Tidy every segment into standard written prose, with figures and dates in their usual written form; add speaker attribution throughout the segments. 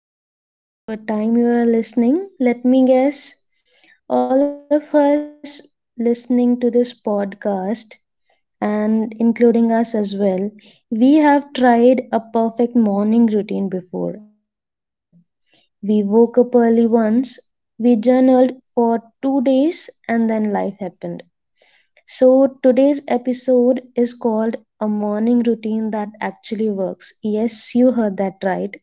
Speaker 1: or whatever time you are listening. Let me guess, all of us listening to this podcast, and including us as well, we have tried a perfect morning routine before. We woke up early once, we journaled for 2 days, and then life happened. So, today's episode is called A Morning Routine That Actually Works. Yes, you heard that right.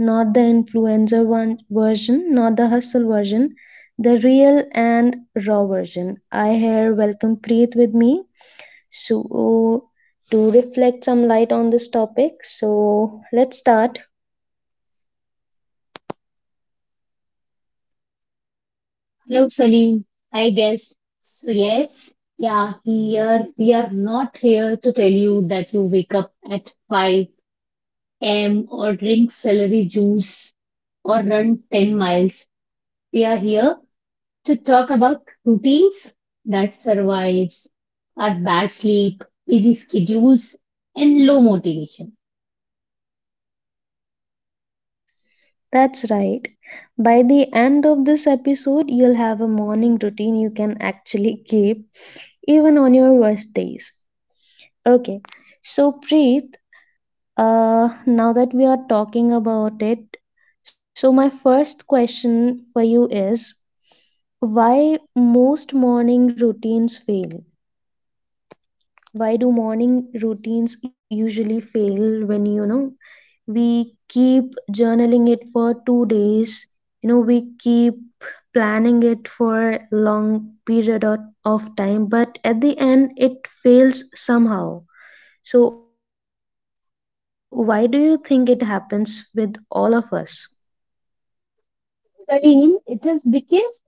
Speaker 1: Not the influencer one version, not the hustle version, the real and raw version. I here welcome Preet with me. So, to reflect some light on this topic, so let's start.
Speaker 2: Hello, Salim. I guess. So, yes, yeah, here we are not here to tell you that you wake up at 5 a.m. or drink celery juice or run 10 miles. We are here to talk about routines that survives our bad sleep, busy schedules, and low motivation.
Speaker 1: That's right. By the end of this episode, you'll have a morning routine you can actually keep, even on your worst days. Okay. So, Preet, now that we are talking about it, so my first question for you is, why most morning routines fail? Why do morning routines usually fail when, you know, we keep journaling it for 2 days, you know, we keep planning it for long period of time, but at the end it fails somehow. So, why do you think it happens with all of us?
Speaker 2: Salim, it is because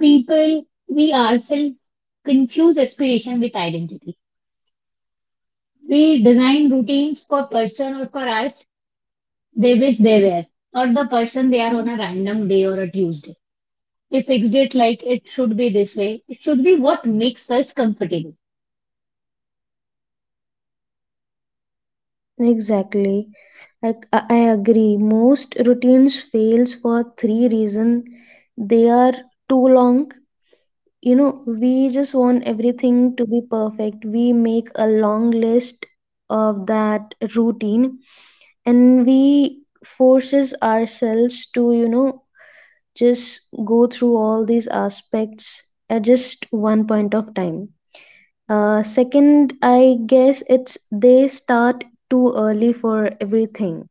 Speaker 2: people, we ourselves confuse aspiration with identity. We design routines for person or for us they wish they were, not the person they are on a random day or a Tuesday. We fixed it like it should be this way. It should be what makes us comfortable.
Speaker 1: Exactly. Like I agree, most routines fails for three reasons. They are too long. You know, we just want everything to be perfect. We make a long list of that routine and we forces ourselves to, you know, just go through all these aspects at just one point of time. Second, I guess it's they start too early for everything.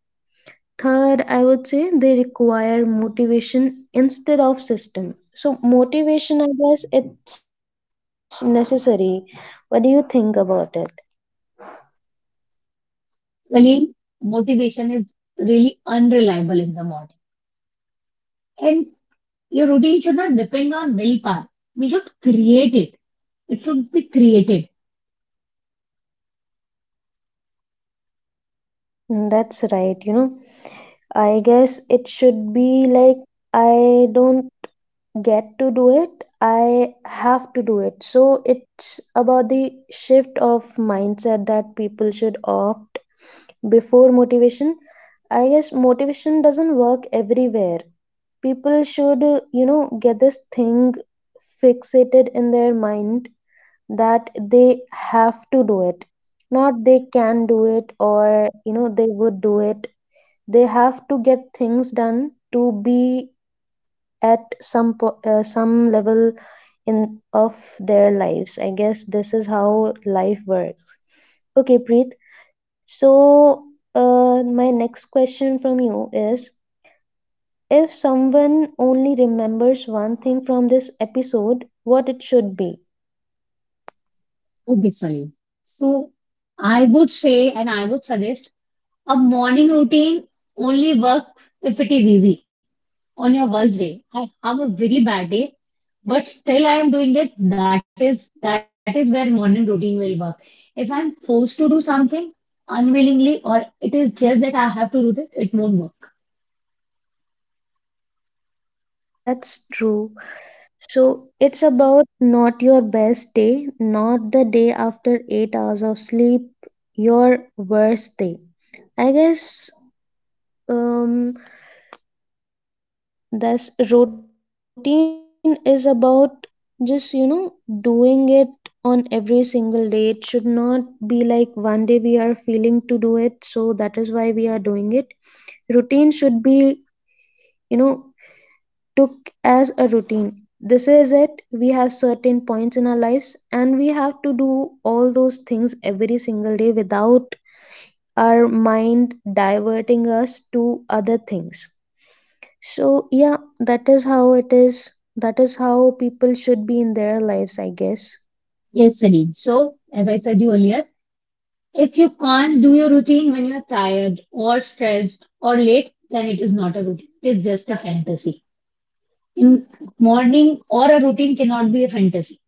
Speaker 1: Third, I would say they require motivation instead of system. So motivation, I guess it's necessary. What do you think about it?
Speaker 2: Really, motivation is really unreliable in the morning. And your routine should not depend on willpower. We should create it. It should be created.
Speaker 1: Mm, that's right, you know. I guess it should be like I don't get to do it, I have to do it. So it's about the shift of mindset that people should opt before motivation. I guess motivation doesn't work everywhere. People should get this thing fixated in their mind that they have to do it, not they can do it, or you know they would do it. They have to get things done to be at some level in of their lives. I guess this is how life works. Okay, Preet, so my next question from you is, if someone only remembers one thing from this episode, what it should be?
Speaker 2: Okay, sorry. So I would say and I would suggest a morning routine only works if it is easy on your worst day. I have a very bad day, but still I am doing it. That is where morning routine will work. If I'm forced to do something unwillingly or it is just that I have to do it, it won't work.
Speaker 1: That's true. So it's about not your best day, not the day after 8 hours of sleep, your worst day, I guess. um, Thus, routine is about just, you know, doing it on every single day. It should not be like one day we are feeling to do it, so that is why we are doing it. Routine should be, you know, took as a routine. This is it. We have certain points in our lives, and we have to do all those things every single day without our mind diverting us to other things. So yeah, that is how it is. That is how people should be in their lives, I guess.
Speaker 2: Yes, Sunny. So as I said you earlier, if you can't do your routine when you're tired or stressed or late, then it is not a routine. It is just a fantasy. In morning or a routine cannot be a fantasy.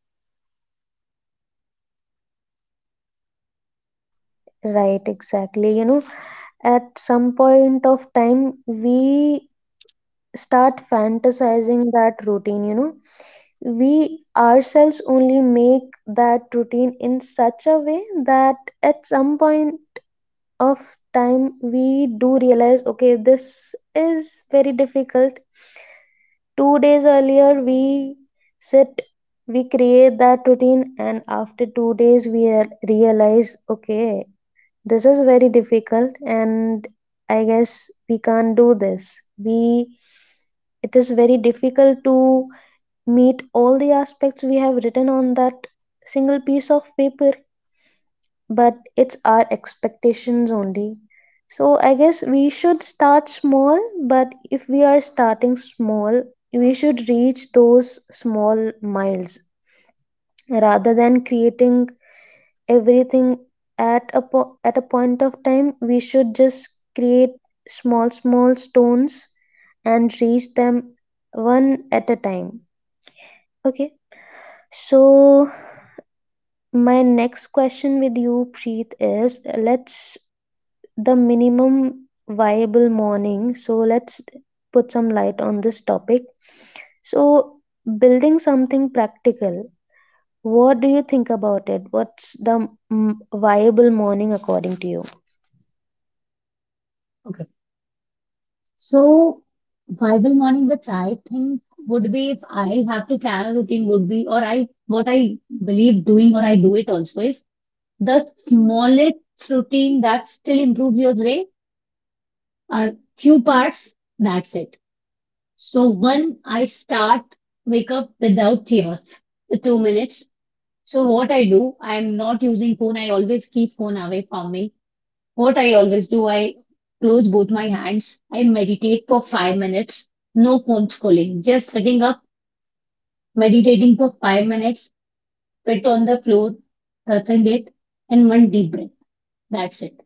Speaker 1: Right, exactly. You know, at some point of time, we start fantasizing that routine, you know. We ourselves only make that routine in such a way that at some point of time, we do realize, okay, this is very difficult. 2 days earlier, we sit, we create that routine, and after 2 days, we realize, okay, this is very difficult, and I guess we can't do this. We, it is very difficult to meet all the aspects we have written on that single piece of paper, but it's our expectations only. So I guess we should start small, but if we are starting small, we should reach those small miles rather than creating everything at at a point of time. We should just create small stones and reach them one at a time. Okay. So my next question with you, Preet, is let's, the minimum viable morning. So let's put some light on this topic. So, building something practical, what do you think about it? What's the viable morning according to you?
Speaker 2: Okay. So, Bible morning, which I think would be if I have to plan a routine, would be, or I, what I believe doing, or I do it also is the smallest routine that still improves your day are few parts. That's it. So, one, I start wake up without chaos, 2 minutes. So, what I do, I am not using phone. I always keep phone away from me. What I always do, I close both my hands. I meditate for 5 minutes. No phone scrolling. Just sitting up, meditating for 5 minutes, sit on the floor, touching it, and one deep breath. That's it.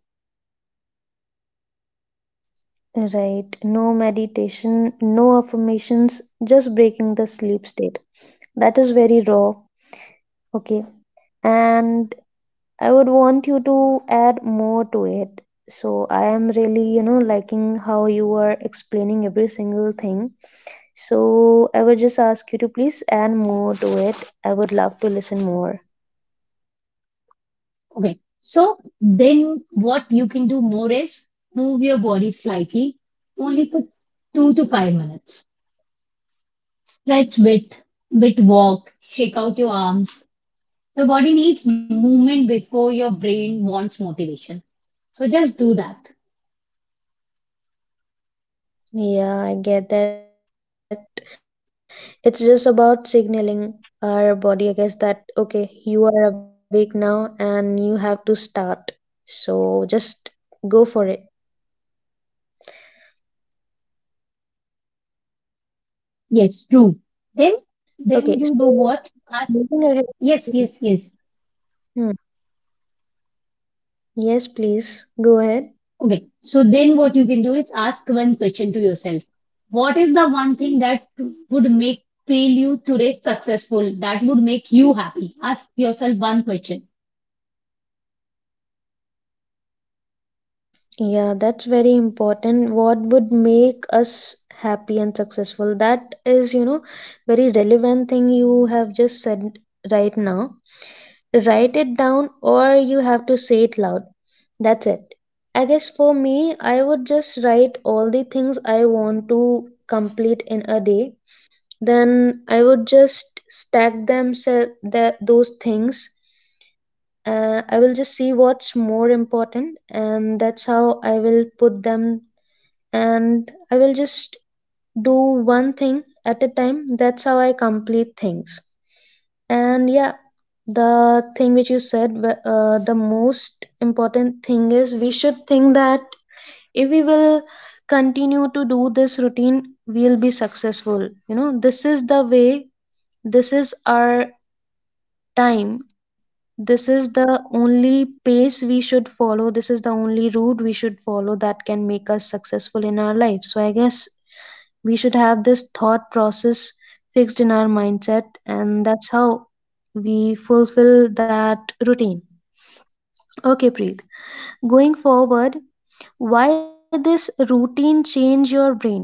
Speaker 1: Right, no meditation, no affirmations, just breaking the sleep state. That is very raw. Okay, and I would want you to add more to it. So I am really, you know, liking how you are explaining every single thing. So I would just ask you to please add more to it. I would love to listen more.
Speaker 2: Okay. So then what you can do more is move your body slightly, only for 2 to 5 minutes. Stretch bit, bit walk, shake out your arms. The body needs movement before your brain wants motivation. So just do that.
Speaker 1: Yeah, I get that. It's just about signaling our body, I guess, that okay, you are awake now and you have to start. So just go for it.
Speaker 2: Yes, true. Then,
Speaker 1: Okay,
Speaker 2: then you
Speaker 1: so
Speaker 2: do what? Ask.
Speaker 1: moving ahead.
Speaker 2: Yes.
Speaker 1: Hmm. Yes, please go ahead.
Speaker 2: Okay. So then what you can do is ask one question to yourself. What is the one thing that would make fail you today successful? That would make you happy. Ask yourself one question.
Speaker 1: Yeah, that's very important. What would make us happy and successful? That is, you know, very relevant thing you have just said right now. Write it down or you have to say it loud. That's it. I guess for me, I would just write all the things I want to complete in a day. Then I would just stack them those things, I will just see what's more important, and that's how I will put them. And I will just do one thing at a time. That's how I complete things. And yeah, the thing which you said, the most important thing is we should think that if we will continue to do this routine, we'll be successful. You know, this is the way, this is our time, this is the only pace we should follow, this is the only route we should follow that can make us successful in our life. So I guess we should have this thought process fixed in our mindset, and that's how we fulfill that routine. Okay, Preet, going forward, why this routine change your brain?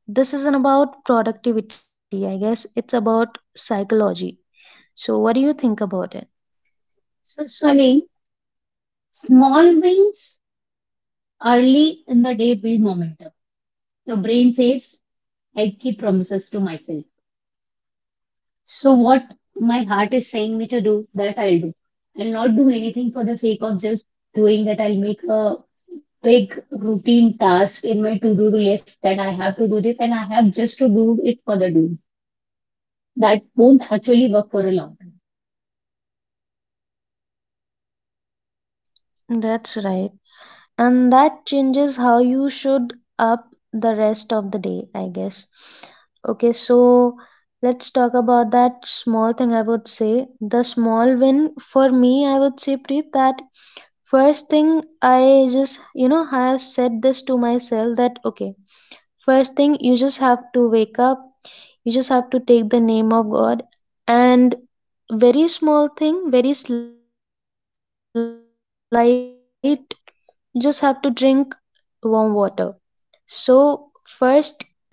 Speaker 1: This isn't about productivity, I guess it's about psychology. So what do you think about
Speaker 2: So, Sunny, small wins early in the day build momentum. Your brain says, I keep promises to myself. So what my heart is saying me to do, that I'll do. I'll not do anything for the sake of just doing that. I'll make a big routine task in my to-do list that I have to do this and I have just to do it for the do. That won't actually work for a long time.
Speaker 1: it? That's right, and that changes how you should up the rest of the day, I guess. Okay, so let's talk about that small thing. I would say, the small win, for me, I would say, Preet, that first thing, I just, you know, I have said this to myself that okay, first thing you just have to wake up, you just have to take the name of God, and very small thing, very slight, you just have to drink warm water. So, first thing you do this in the morning,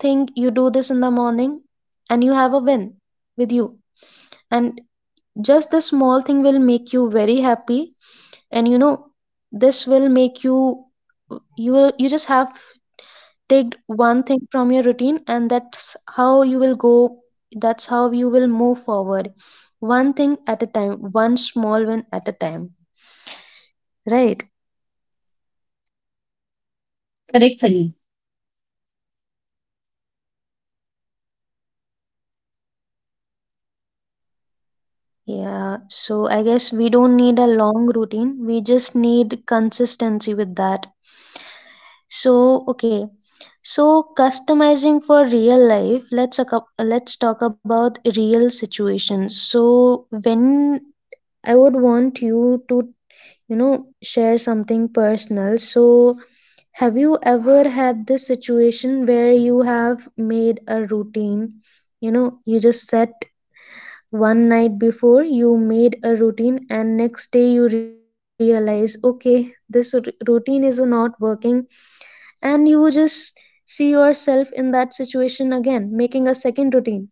Speaker 1: and you have a win with you. And just the small thing will make you very happy. And you know, this will make you just have take one thing from your routine, and that's how you will go, that's how you will move forward, one thing at a time, one small win at a time. Right.
Speaker 2: Correct, Sunny?
Speaker 1: Yeah, so I guess we don't need a long routine. We just need consistency with that. So, okay. So, customizing for real life, let's talk about real situations. So, when I would want you to, you know, share something personal. So, have you ever had this situation where you have made a routine? You know, you just set one night before, you made a routine, and next day you realize, okay, this routine is not working, and you just see yourself in that situation again, making a second routine.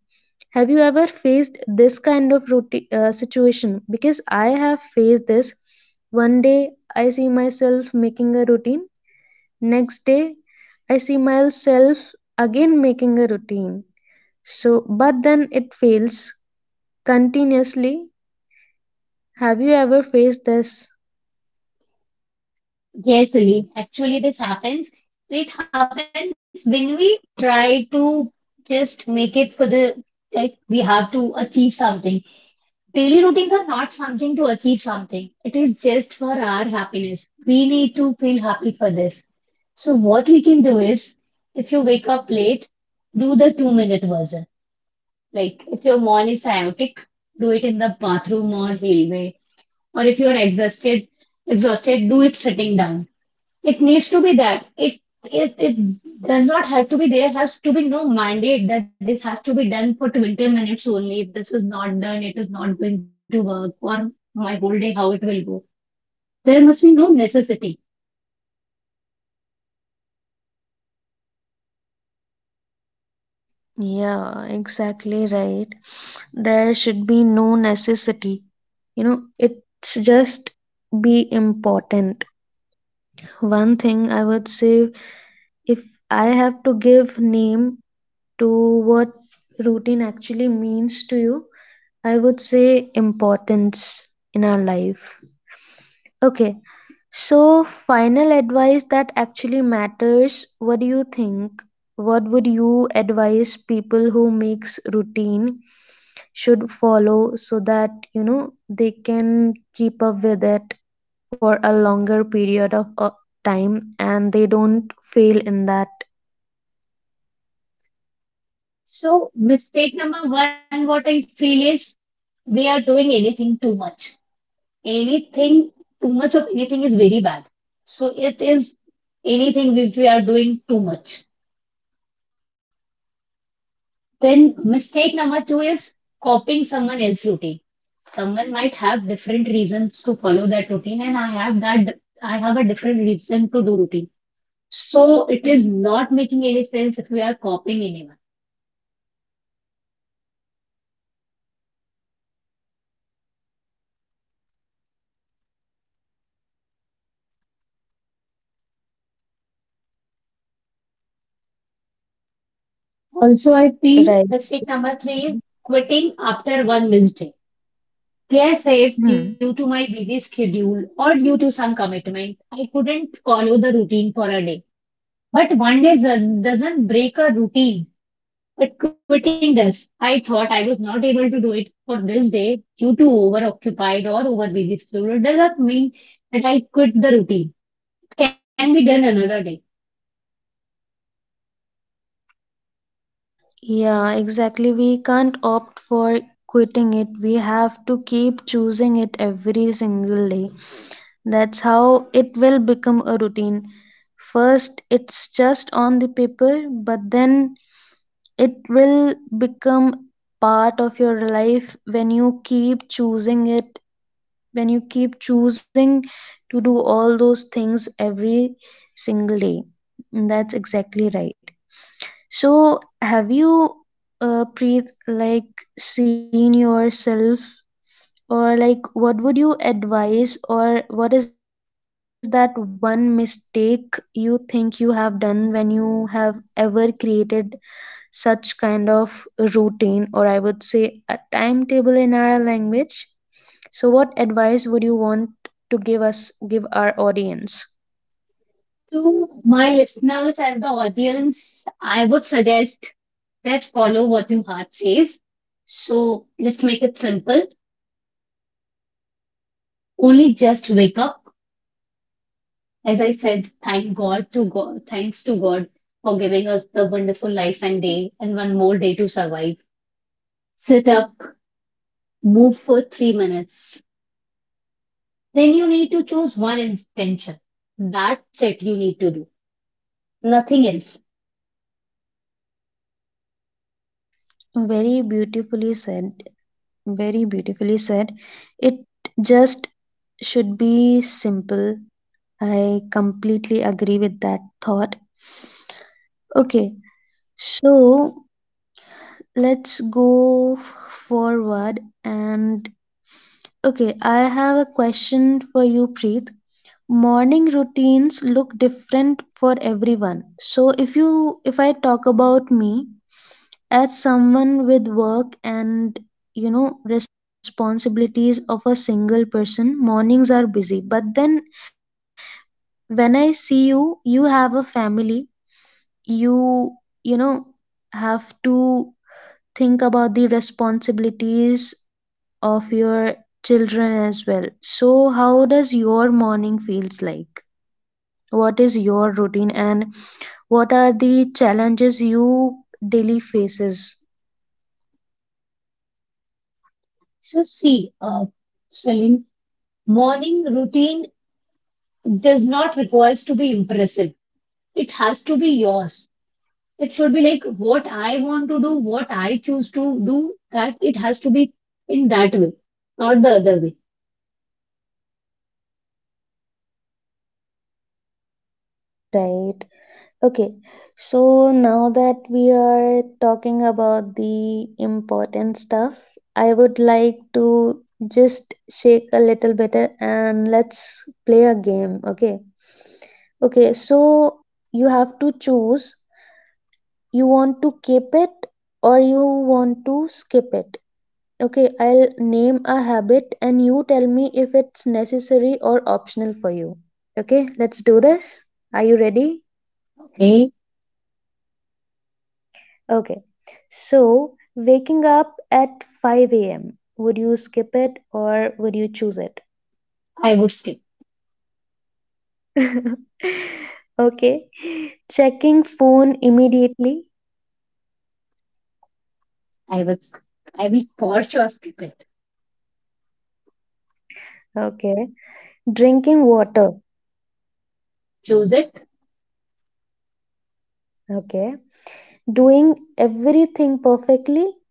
Speaker 1: Have you ever faced this kind of routine, situation? Because I have faced this. One day I see myself making a routine, next day I see myself again making a routine. So, but then it fails continuously. Have you ever faced this?
Speaker 2: Yes, Sunny. Actually, this happens. It happens when we try to just make it for the like we have to achieve something. Daily routines are not something to achieve something. It is just for our happiness. We need to feel happy for this. So what we can do is, if you wake up late, do the 2 minute version. Like if your morning is chaotic, do it in the bathroom or hallway. Or if you are exhausted, exhausted, do it sitting down. It needs to be that. It does not have to be. There has to be no mandate that this has to be done for 20 minutes only. If this is not done, it is not going to work or my whole day, how it will go. There must be no necessity.
Speaker 1: Yeah, exactly right. There should be no necessity. You know, it's just be important. One thing I would say, if I have to give name to what routine actually means to you, I would say importance in our life. Okay. So, final advice that actually matters. What do you think? What would you advise people who makes routine should follow so that, you know, they can keep up with it for a longer period of time and they don't fail in that,
Speaker 2: So mistake number one, what I feel is we are doing anything too much. Anything too much of anything is very bad. So it is anything which we are doing too much. Then mistake number two is copying someone else's routine. Someone might have different reasons to follow that routine, and I have a different reason to do routine. So it is not making any sense if we are copying anyone. Also, I feel
Speaker 1: right?
Speaker 2: mistake number 3 is quitting after one missed day. Yes, if due
Speaker 1: Hmm.
Speaker 2: to my busy schedule or due to some commitment, I couldn't follow the routine for a day, but one day doesn't break a routine. But quitting this, I thought I was not able to do it for this day due to overoccupied or over busy schedule. It does not mean that I quit the routine. It can be done another day.
Speaker 1: Yeah, exactly. We can't opt for quitting it. We have to keep choosing it every single day. That's how it will become a routine. First, it's just on the paper, but then it will become part of your life when you keep choosing it, when you keep choosing to do all those things every single day. That's exactly right. So, have you, Preet, like seen yourself, or like what would you advise, or what is that one mistake you think you have done when you have ever created such kind of routine, or I would say a timetable in our language? So what advice would you want to give us, give our audience?
Speaker 2: To my listeners and the audience, I would suggest that follow what your heart says. So let's make it simple. Only just wake up. As I said, thanks to God for giving us the wonderful life and day and one more day to survive. Sit up, move for 3 minutes. Then you need to choose one intention. That's it you need to do. Nothing else.
Speaker 1: Very beautifully said. Very beautifully said. It just should be simple. I completely agree with that thought. Okay, so let's go forward and okay, I have a question for you, Preet. Morning routines look different for everyone. So if I talk about me as someone with work and responsibilities of a single person, mornings are busy. But then when I see you, you have a family you you know have to think about the responsibilities of your children as well. So how does your morning feels like, what is your routine, and what are the challenges you daily faces?
Speaker 2: So see, Celine, morning routine does not requires to be impressive. It has to be yours. It should be like what I want to do, what I choose to do, that it has to be in that way, not the other way.
Speaker 1: Right. Okay, so now that we are talking about the important stuff, I would like to just shake a little better and let's play a game, okay? Okay, so you have to choose, you want to keep it or you want to skip it. Okay, I'll name a habit and you tell me if it's necessary or optional for you. Okay, let's do this. Are you ready?
Speaker 2: Okay.
Speaker 1: Okay. So, waking up at 5 a.m., would you skip it or would you choose it?
Speaker 2: I would skip.
Speaker 1: Okay. Checking phone immediately.
Speaker 2: I would, I will for sure skip it.
Speaker 1: Okay. Drinking water.
Speaker 2: Choose it.
Speaker 1: Okay. Doing everything perfectly.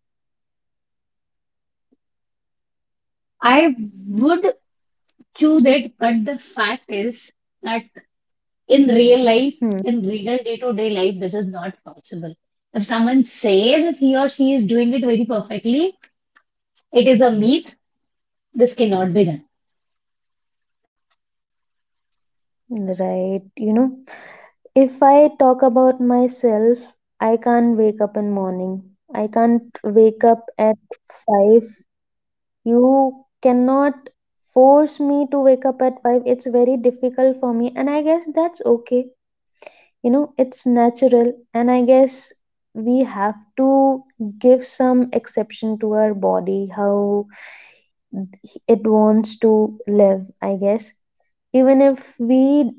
Speaker 2: I would Choose it, but the fact is that in real life,
Speaker 1: Hmm.
Speaker 2: in real day-to-day life, this is not possible. If someone says that he or she is doing it very perfectly, it is a myth. This cannot be done.
Speaker 1: Right. You know, if I talk about myself, I can't wake up in morning. I can't wake up at 5. You cannot force me to wake up at 5. It's very difficult for me. And I guess that's okay. You know, it's natural. And I guess we have to give some exception to our body, how it wants to live, I guess. Even if we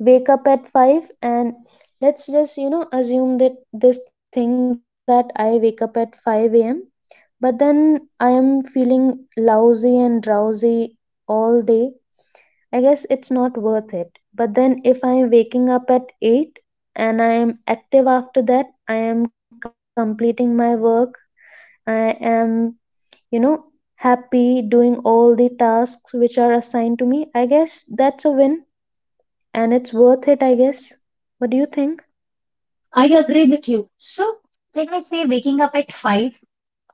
Speaker 1: wake up at 5 and let's just assume that this thing that I wake up at 5 a.m, but then I am feeling lousy and drowsy all day, I guess it's not worth it. But then if I am waking up at 8 and I am active after that, I am completing my work, I am you know happy doing all the tasks which are assigned to me, I guess that's a win and it's worth it, I guess. What do you think?
Speaker 2: I agree with you. So, when I say waking up at 5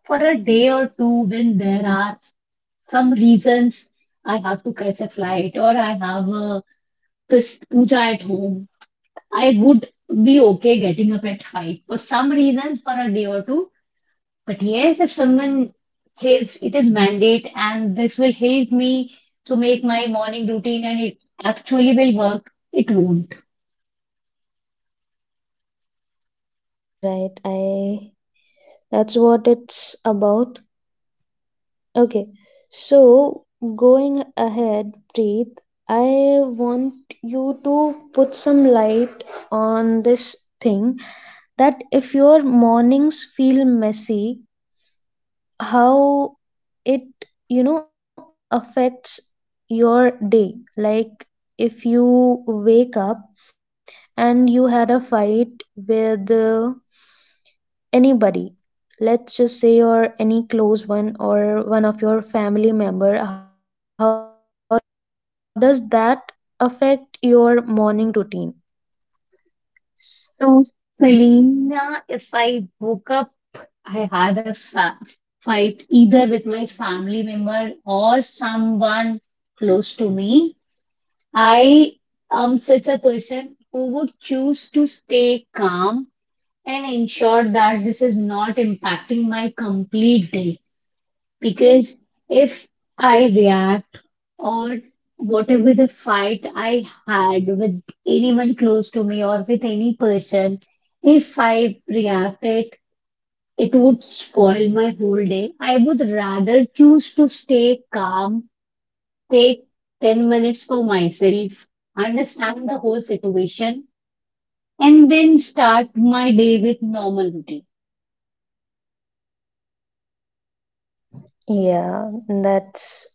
Speaker 2: for a day or two, when there are some reasons I have to catch a flight or I have a this puja at home, I would be okay getting up at 5. For some reasons, for a day or two. But yes, if someone says it is mandate and this will help me to make my morning routine and it actually will work, it won't.
Speaker 1: Right, I that's what it's about. Okay, so going ahead, Preet, I want you to put some light on this thing that if your mornings feel messy, how it, affects your day. Like if you wake up and you had a fight with anybody, let's just say, or any close one or one of your family member, how does that affect your morning routine?
Speaker 2: So, Selena, if I woke up, I had a fight either with my family member or someone close to me. I am such a person who would choose to stay calm and ensure that this is not impacting my complete day. Because if I react or whatever the fight I had with anyone close to me or with any person, if I reacted, it would spoil my whole day. I would rather choose to stay calm, take 10 minutes for myself, understand the whole situation, and then start my day with normal routine.
Speaker 1: Yeah, that's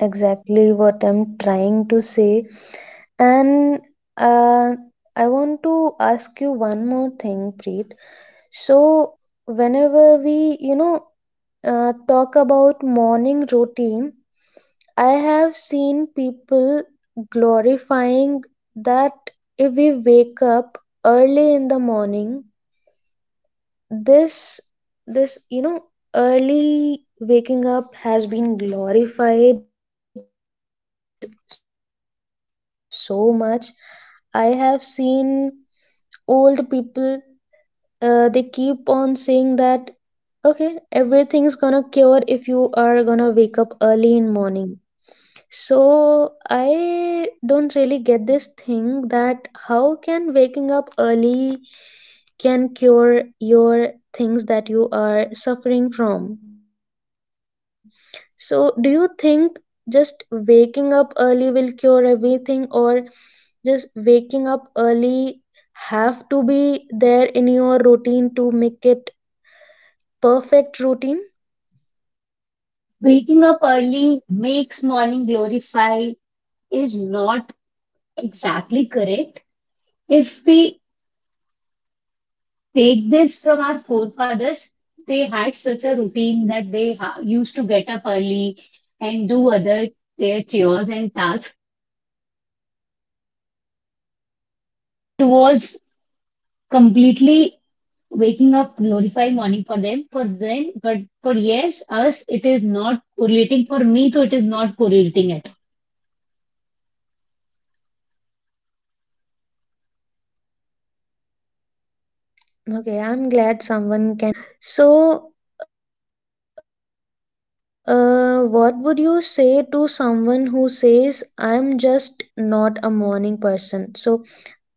Speaker 1: exactly what I'm trying to say. And uh, I want to ask you one more thing, Preet. So, whenever we, you know, talk about morning routine, I have seen people glorifying that if we wake up early in the morning, this this early waking up has been glorified so much. I have seen old people, they keep on saying that okay, everything's gonna cure if you are gonna wake up early in morning. So I don't really get this thing that how can waking up early can cure your things that you are suffering from. So do you think just waking up early will cure everything, or just waking up early have to be there in your routine to make it perfect routine?
Speaker 2: Waking up early makes morning glorify is not exactly correct. If we take this from our forefathers, they had such a routine that they used to get up early and do other their chores and tasks. It was completely waking up glorify morning for them. For them, but for yes, us, it is not correlating. For me, so it is not correlating at all.
Speaker 1: Okay, I'm glad someone can agree with how I think. Okay. So, what would you say to someone who says, I'm just not a morning person? So,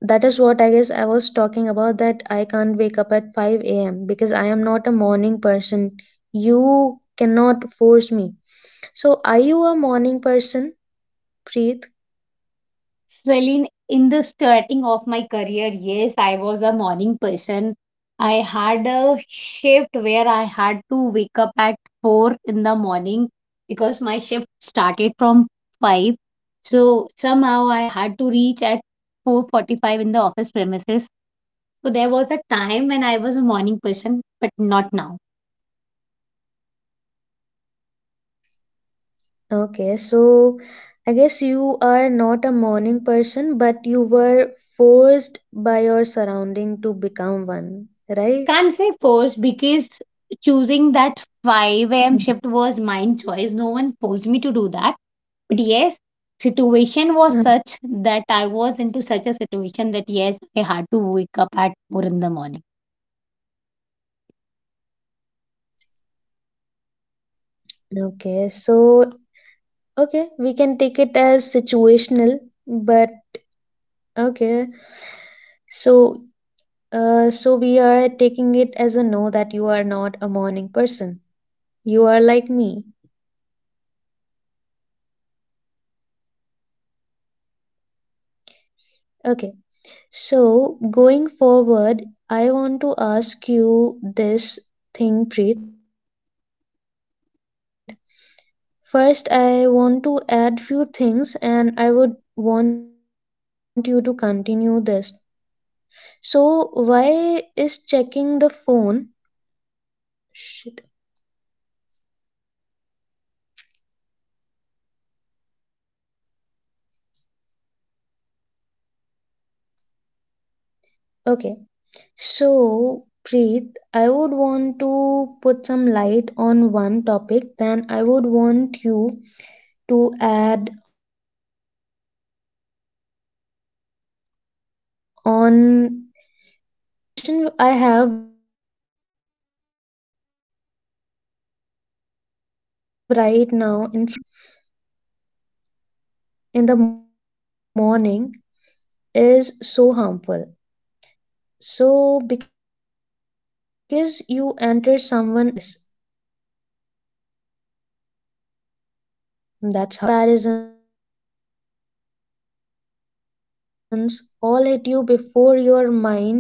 Speaker 1: that is what I guess I was talking about, that I can't wake up at 5 a.m. because I am not a morning person. You cannot force me. So, are you a morning person, Preet?
Speaker 2: Well, in the starting of my career, yes, I was a morning person. I had a shift where I had to wake up at 4 in the morning because my shift started from 5. So somehow I had to reach at 4:45 in the office premises. So there was a time when I was a morning person, but not now.
Speaker 1: Okay. So, I guess you are not a morning person, but you were forced by your surrounding to become one, right?
Speaker 2: Can't say force because choosing that 5 a.m. shift was my choice. No one forced me to do that. But yes, situation was such
Speaker 1: Mm.
Speaker 2: that I was into such a situation that yes, I had to wake up at 4 in the morning.
Speaker 1: Okay, so okay, we can take it as situational, but okay, so so we are taking it as a no, that you are not a morning person. You are like me. Okay, so going forward, I want to ask you this thing, Preet. First, I want to add few things, and I would want you to continue this. So why is checking the phone? Shit. Okay. So Preet, I would want to put some light on one topic. Then I would want you to add on in that. So the question I have right now in front of me is that why is checking the phone first thing in the morning is so harmful? So, because you enter someone else's world before grounding yourselves in your own, I guess that's how it is. You know, messages, news, comparisons all hit you before your mind is awake enough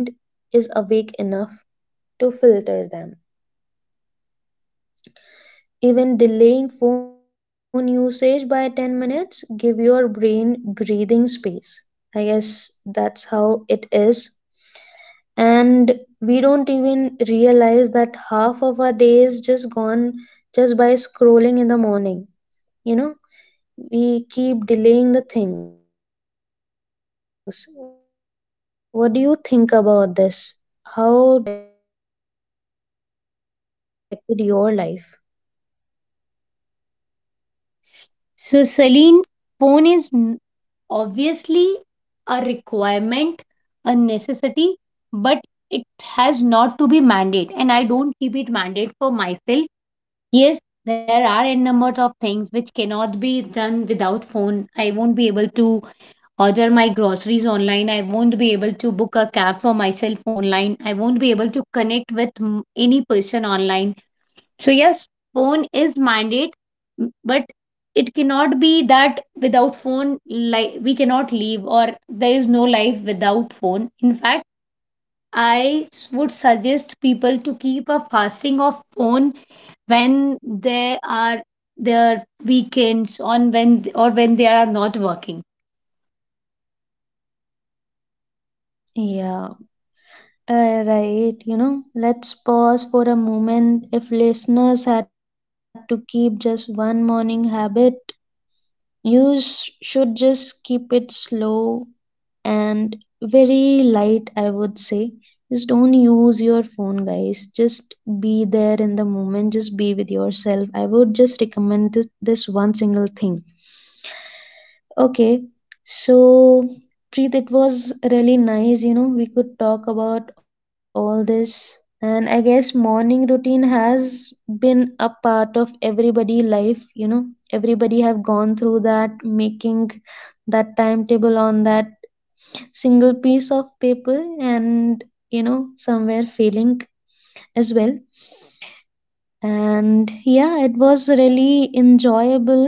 Speaker 1: to filter them. Even delaying phone usage by 10 minutes give your brain breathing space. I guess that's how it is, and we don't even realize that half of our day is just gone just by scrolling in the morning. you know we keep delaying the things. What do you think about this? How does, using the phone in the morning has affected your life?
Speaker 2: So Celine, phone is obviously a requirement, a necessity, but it has not to be mandate. And I don't keep it mandate for myself. Yes, there are a number of things which cannot be done without phone. I won't be able to order my groceries online. I won't be able to book a cab for myself online. I won't be able to connect with any person online. So yes, phone is mandate, but it cannot be that without phone like we cannot live or there is no life without phone. In fact, I would suggest people to keep a fasting of phone when they are their weekends on when th- or when they are not working.
Speaker 1: Yeah, right. You know, let's pause for a moment. If listeners had to keep just one morning habit, should just keep it slow, and very light, I would say. Just don't use your phone, guys. Just be there in the moment. Just be with yourself. I would just recommend this one single thing. Okay, so Preet, it was really nice. You know, we could talk about all this. And I guess morning routine has been a part of everybody life, you know. Everybody have gone through that, making that timetable on that single piece of paper and somewhere failing as well. And yeah, it was really enjoyable.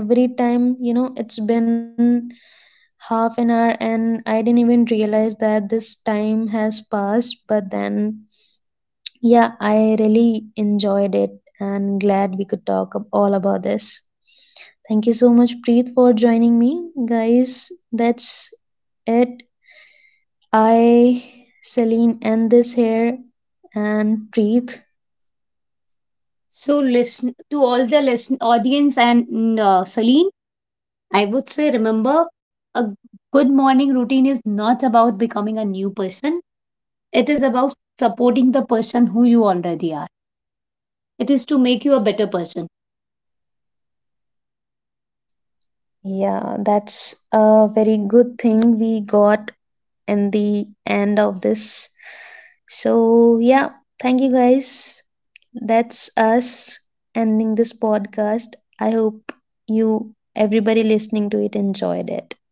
Speaker 1: Every time, you know, it's been 1/2 an hour and I didn't even realize that this time has passed. But then yeah, I really enjoyed it, and glad we could talk all about this. Thank you so much, Preet, for joining me. Guys, that's it. I, Celine, end this here and breathe.
Speaker 2: So listen to all the listen audience and Celine, I would say remember a good morning routine is not about becoming a new person. It is about supporting the person who you already are. It is to make you a better person.
Speaker 1: Yeah, that's a very good thing we got in the end of this. So, yeah, thank you guys. That's us ending this podcast. I hope you, everybody listening to it, enjoyed it.